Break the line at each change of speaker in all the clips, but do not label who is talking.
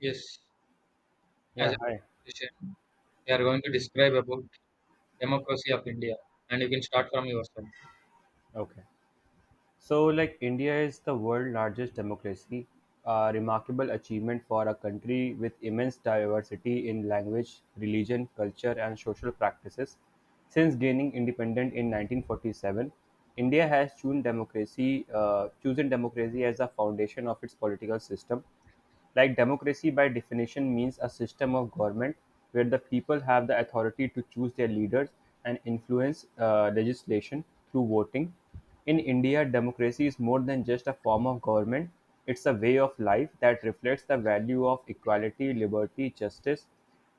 Yes, as a
Yeah, hi.
conversation, we are going to describe about democracy of India, and you can start from yourself.
Okay. So, like, India is the world's largest democracy, a remarkable achievement for a country with immense diversity in language, religion, culture, and social practices. Since gaining independence in 1947, India has chosen democracy as the foundation of its political system. Like democracy by definition means a system of government where the people have the authority to choose their leaders and influence legislation through voting. In India, democracy is more than just a form of government, it's a way of life that reflects the value of equality, liberty, justice,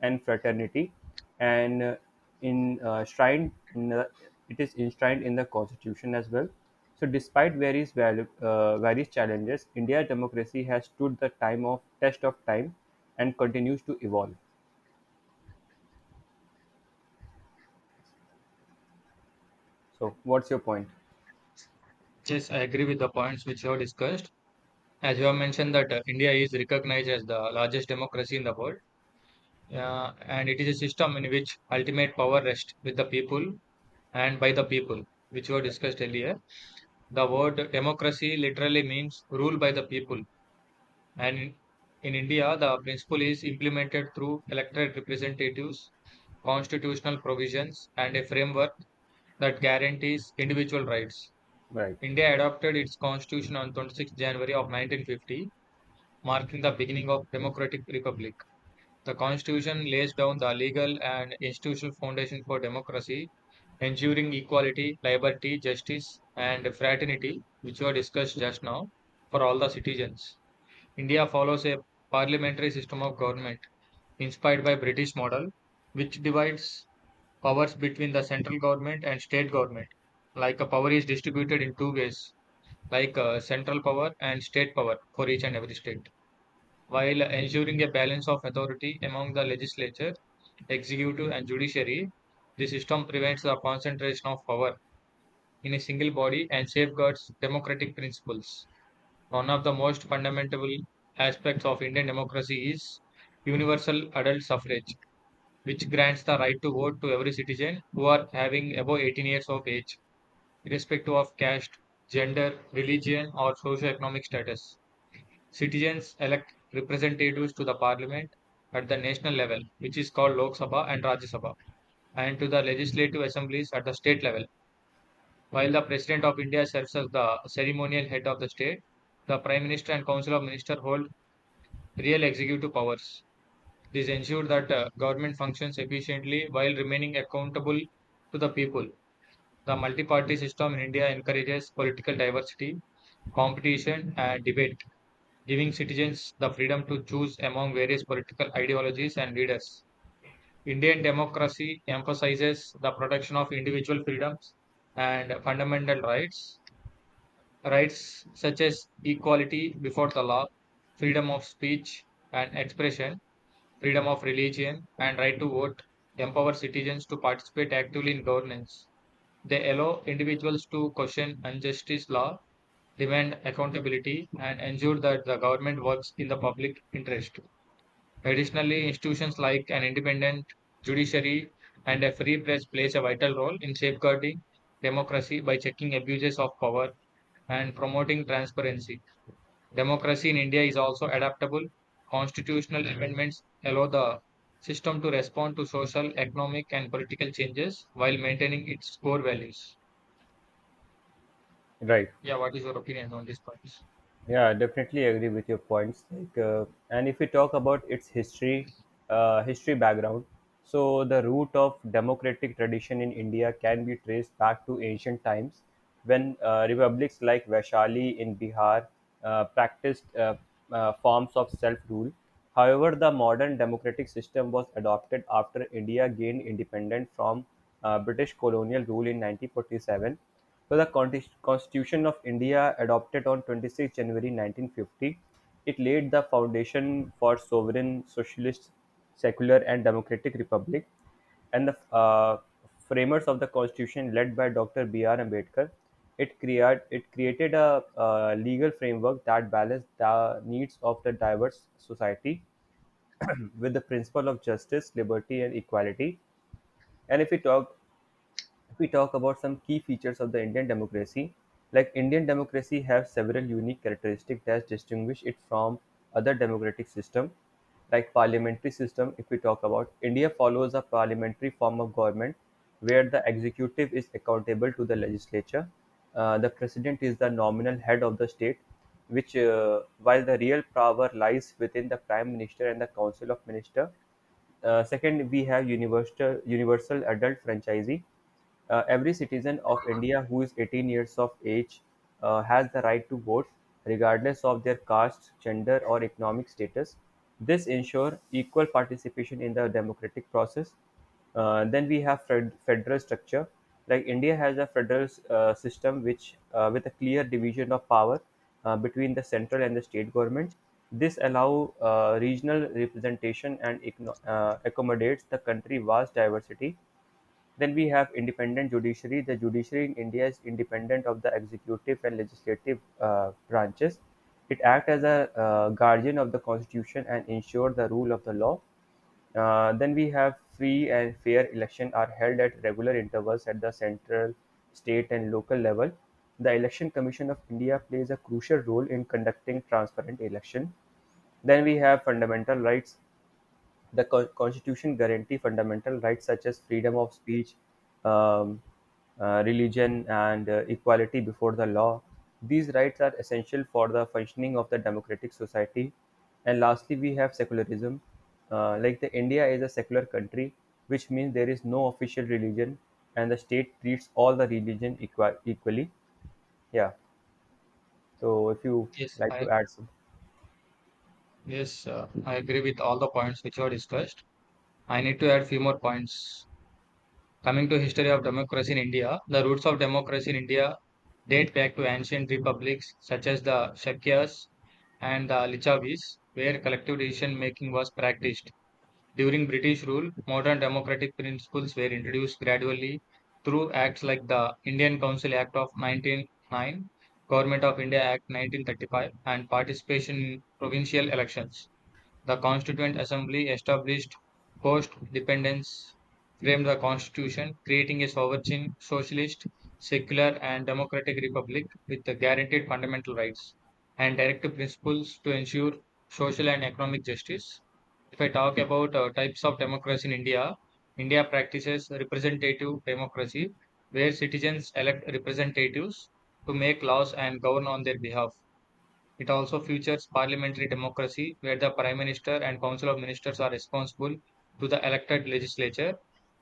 and fraternity, and in enshrined in the, it is enshrined in the constitution as well. So, despite various challenges, India democracy has stood the time of test of time and continues to evolve. So, what's your point?
Yes, I agree with the points which you have discussed. As you have mentioned that India is recognized as the largest democracy in the world, and it is a system in which ultimate power rests with the people and by the people, which were discussed earlier. The word democracy literally means rule by the people, and in India, the principle is implemented through elected representatives constitutional provisions, and a framework that guarantees individual rights.
Right,
India adopted its constitution on 26 January of 1950, marking the beginning of democratic republic. The constitution lays down the legal and institutional foundation for democracy, ensuring equality, liberty, justice, and fraternity, which were discussed just now, for all the citizens. India follows a parliamentary system of government inspired by British model, which divides powers between the central government and state government. Like a power is distributed in two ways, like central power and state power for each and every state, while ensuring a balance of authority among the legislature, executive, and judiciary. The system prevents the concentration of power in a single body and safeguards democratic principles. One of the most fundamental aspects of Indian democracy is universal adult suffrage which grants the right to vote to every citizen who are having above 18 years of age, irrespective of caste, gender, religion, or socio-economic status. Citizens elect representatives to the parliament at the national level, which is called Lok Sabha and Rajya Sabha, and to the legislative assemblies at the state level. While the President of India serves as the ceremonial head of the state, the Prime Minister and Council of Ministers hold real executive powers. This ensures that government functions efficiently while remaining accountable to the people. The multi-party system in India encourages political diversity, competition, and debate, giving citizens the freedom to choose among various political ideologies and leaders. Indian democracy emphasizes the protection of individual freedoms and fundamental rights, rights such as equality before the law, freedom of speech and expression, freedom of religion, and right to vote empower citizens to participate actively in governance. They allow individuals to question injustice law, demand accountability, and ensure that the government works in the public interest. Additionally, institutions like an independent judiciary and a free press plays a vital role in safeguarding democracy by checking abuses of power and promoting transparency. Democracy in India is also adaptable. Constitutional amendments allow the system to respond to social, economic, and political changes while maintaining its core values.
right.
Yeah, what is your opinion on these points?
Yeah, I definitely agree with your points. Like, and if we talk about its history background, so the root of democratic tradition in India can be traced back to ancient times, when republics like Vaishali in Bihar practiced forms of self-rule. However, the modern democratic system was adopted after India gained independence from British colonial rule in 1947. So the Constitution of India, adopted on 26 January 1950, it laid the foundation for sovereign, socialist, secular, and democratic republic. And the framers of the Constitution, led by Dr. B.R. Ambedkar, it created a, legal framework that balanced the needs of the diverse society with the principle of justice, liberty, and equality. And if we talk about some key features of the Indian democracy, like Indian democracy have several unique characteristics that distinguish it from other democratic system, like parliamentary system. If we talk about India follows a parliamentary form of government where the executive is accountable to the legislature. The president is the nominal head of the state, which while the real power lies within the prime minister and the council of minister. Second, we have universal adult franchisee. Every citizen of India who is 18 years of age has the right to vote, regardless of their caste, gender, or economic status. This ensures equal participation in the democratic process. Then we have federal structure. Like India has a federal system which with a clear division of power between the central and the state government. This allow regional representation and accommodates the country vast diversity. Then we have independent judiciary. The judiciary in India is independent of the executive and legislative branches. It acts as a guardian of the constitution and ensures the rule of the law. Then we have free and fair elections are held at regular intervals at the central, state, and local level. The Election Commission of India plays a crucial role in conducting transparent election. Then we have fundamental rights. The Constitution guarantees fundamental rights such as freedom of speech, um, religion, and equality before the law. These rights are essential for the functioning of the democratic society. And lastly, we have secularism. Like the India is a secular country, which means there is no official religion, and the state treats all the religion equally. Yeah. So, if you
Yes,
like
I
to add some,
yes, I agree with all the points which were discussed. I need to add few more points. Coming to history of democracy in India, the roots of democracy in India date back to ancient republics such as the Shakyas and the Lichavis, where collective decision making was practiced. During British rule, modern democratic principles were introduced gradually through acts like the Indian Council Act of 1909, Government of India Act 1935, and participation in provincial elections. The Constituent Assembly established post-dependence framed the constitution, creating a sovereign, socialist, secular and democratic republic with the guaranteed fundamental rights and directive principles to ensure social and economic justice. If I talk about types of democracy in India, India practices representative democracy, where citizens elect representatives to make laws and govern on their behalf. It also features parliamentary democracy, where the Prime Minister and Council of Ministers are responsible to the elected legislature.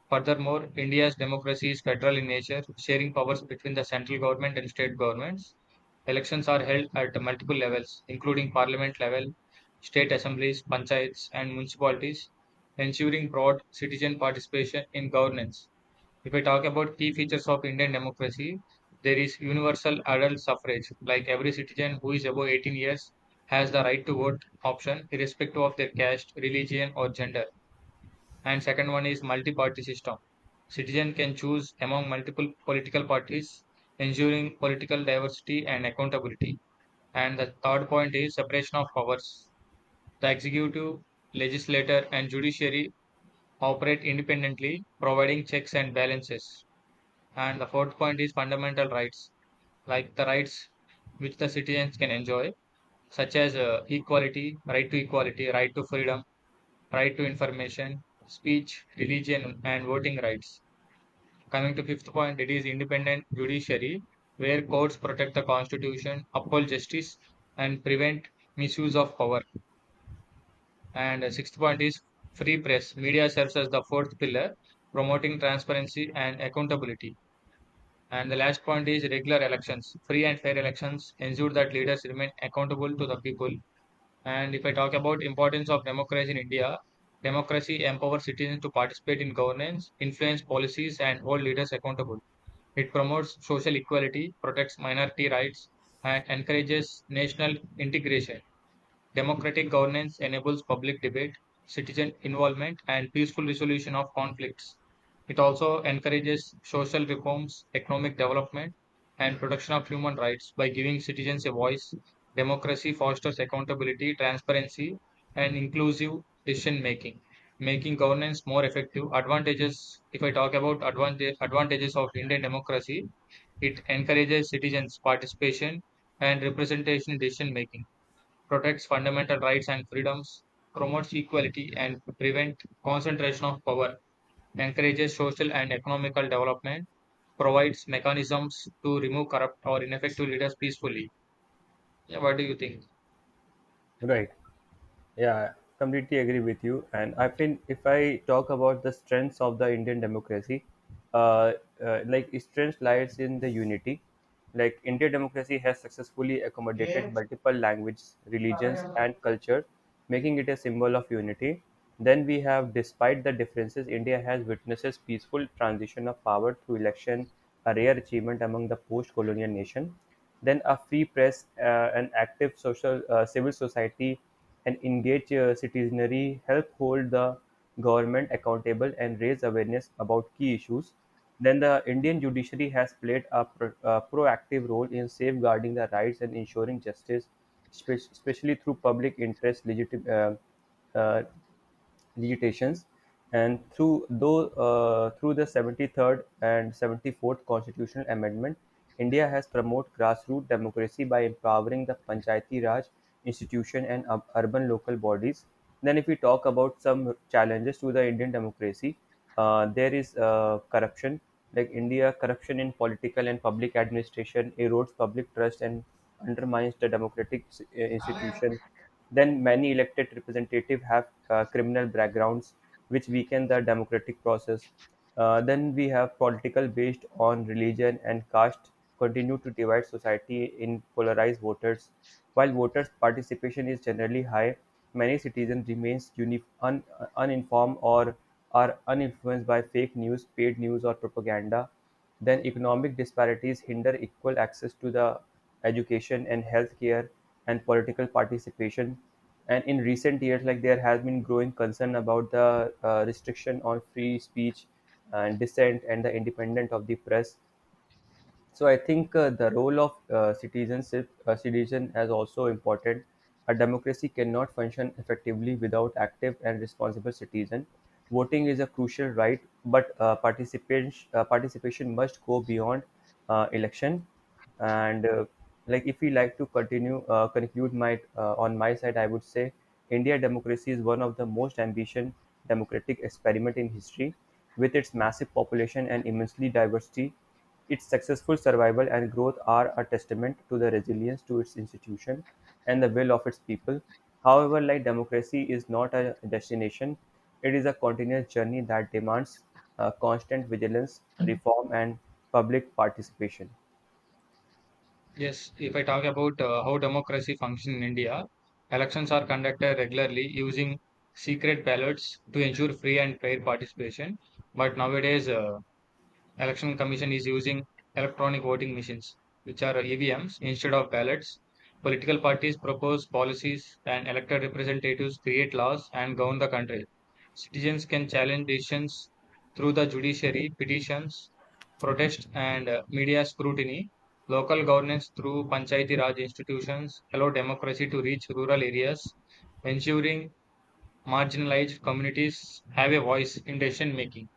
Furthermore, India's democracy is federal in nature, sharing powers between the central government and state governments. Elections are held at multiple levels, including parliament level, state assemblies, panchayats, and municipalities, ensuring broad citizen participation in governance. If I talk about key features of Indian democracy, there is universal adult suffrage, like every citizen who is above 18 years has the right to vote option, irrespective of their caste, religion, or gender. And second one is multi-party system. Citizen can choose among multiple political parties, ensuring political diversity and accountability. And the third point is separation of powers. The executive, legislature, and judiciary operate independently, providing checks and balances. And the fourth point is fundamental rights, like the rights which the citizens can enjoy, such as equality, right to freedom, right to information, speech, religion, and voting rights. Coming to fifth point, it is independent judiciary, where courts protect the constitution, uphold justice, and prevent misuse of power. And sixth point is free press. Media serves as the fourth pillar, promoting transparency and accountability. And the last point is regular elections. Free and fair elections ensure that leaders remain accountable to the people. And if I talk about importance of democracy in India, democracy empowers citizens to participate in governance, influence policies, and hold leaders accountable. It promotes social equality, protects minority rights, and encourages national integration. Democratic governance enables public debate, citizen involvement, and peaceful resolution of conflicts. It also encourages social reforms, economic development, and protection of human rights by giving citizens a voice. Democracy fosters accountability, transparency, and inclusive decision making, making governance more effective. Advantages if I talk about advantages of Indian democracy, it encourages citizens' participation and representation in decision making protects fundamental rights and freedoms, promotes equality and prevents concentration of power, encourages social and economical development, provides mechanisms to remove corrupt or ineffective leaders peacefully. Yeah, what do you think?
right? Yeah, I completely agree with you. And I think if I talk about the strengths of the Indian democracy, uh, like its strength lies in the unity. Like Indian democracy has successfully accommodated multiple languages, religions, and culture, making it a symbol of unity. Then we have, despite the differences, India has witnesses peaceful transition of power through election, a rare achievement among the post-colonial nation. Then a free press, an active social civil society, and engaged citizenry help hold the government accountable and raise awareness about key issues. Then the Indian judiciary has played a proactive role in safeguarding the rights and ensuring justice, especially through public interest uh, uh, agitations, and through the 73rd and 74th constitutional amendment, India has promoted grassroots democracy by empowering the Panchayati Raj institution and urban local bodies. Then, if we talk about some challenges to the Indian democracy, there is corruption. Like India, corruption in political and public administration erodes public trust and undermines the democratic institution. Then many elected representatives have criminal backgrounds, which weaken the democratic process. Then we have political based on religion and caste continue to divide society in polarized voters. While voters' participation is generally high, many citizens remains uninformed or are uninfluenced by fake news, paid news, or propaganda. Then economic disparities hinder equal access to the education and healthcare and political participation. And in recent years, like there has been growing concern about the restriction on free speech and dissent and the independence of the press. So I think the role of citizen has also important. A democracy cannot function effectively without active and responsible citizen. Voting is a crucial right, but participation must go beyond election. And like if we like to continue conclude my on my side, I would say India democracy is one of the most ambitious democratic experiment in history, with its massive population and immensely diversity, its successful survival and growth are a testament to the resilience to its institution and the will of its people. However, like democracy is not a destination, it is a continuous journey that demands constant vigilance, reform, and public participation.
Yes, if I talk about how democracy functions in India, elections are conducted regularly using secret ballots to ensure free and fair participation. But nowadays, election commission is using electronic voting machines which are evms instead of ballots political parties propose policies and elected representatives create laws and govern the country citizens can challenge decisions through the judiciary petitions protest and media scrutiny local governance through panchayati raj institutions allow democracy to reach rural areas ensuring marginalized communities have a voice in decision making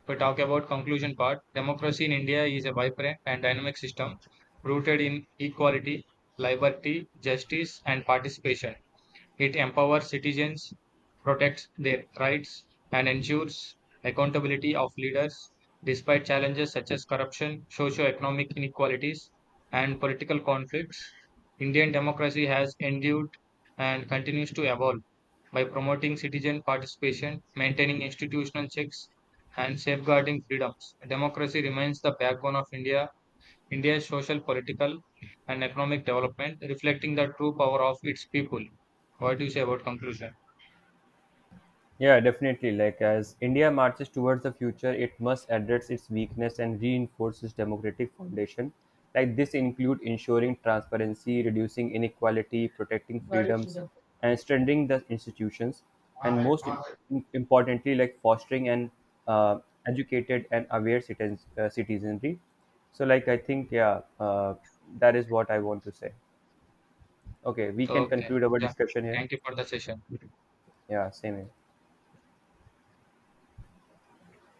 if we talk about conclusion part, democracy in India is a vibrant and dynamic system rooted in equality, liberty, justice, and participation. It empowers citizens, protects their rights, and ensures accountability of leaders despite challenges such as corruption, socio-economic inequalities, and political conflicts. Indian democracy has endured and continues to evolve by promoting citizen participation, maintaining institutional checks, and safeguarding freedoms. Democracy remains the backbone of India's social, political, and economic development, reflecting the true power of its people. What do you say about conclusion?
Yeah, definitely. Like as India marches towards the future, it must address its weakness and reinforce its democratic foundation. Like this include ensuring transparency, reducing inequality, protecting freedoms, and strengthening the institutions. And most importantly, like fostering an uh, educated and aware citizenry. So, like I think, yeah, that is what I want to say. Okay, we can
Okay,
conclude our
yeah.
discussion here.
Thank you for the session.
Yeah, same here.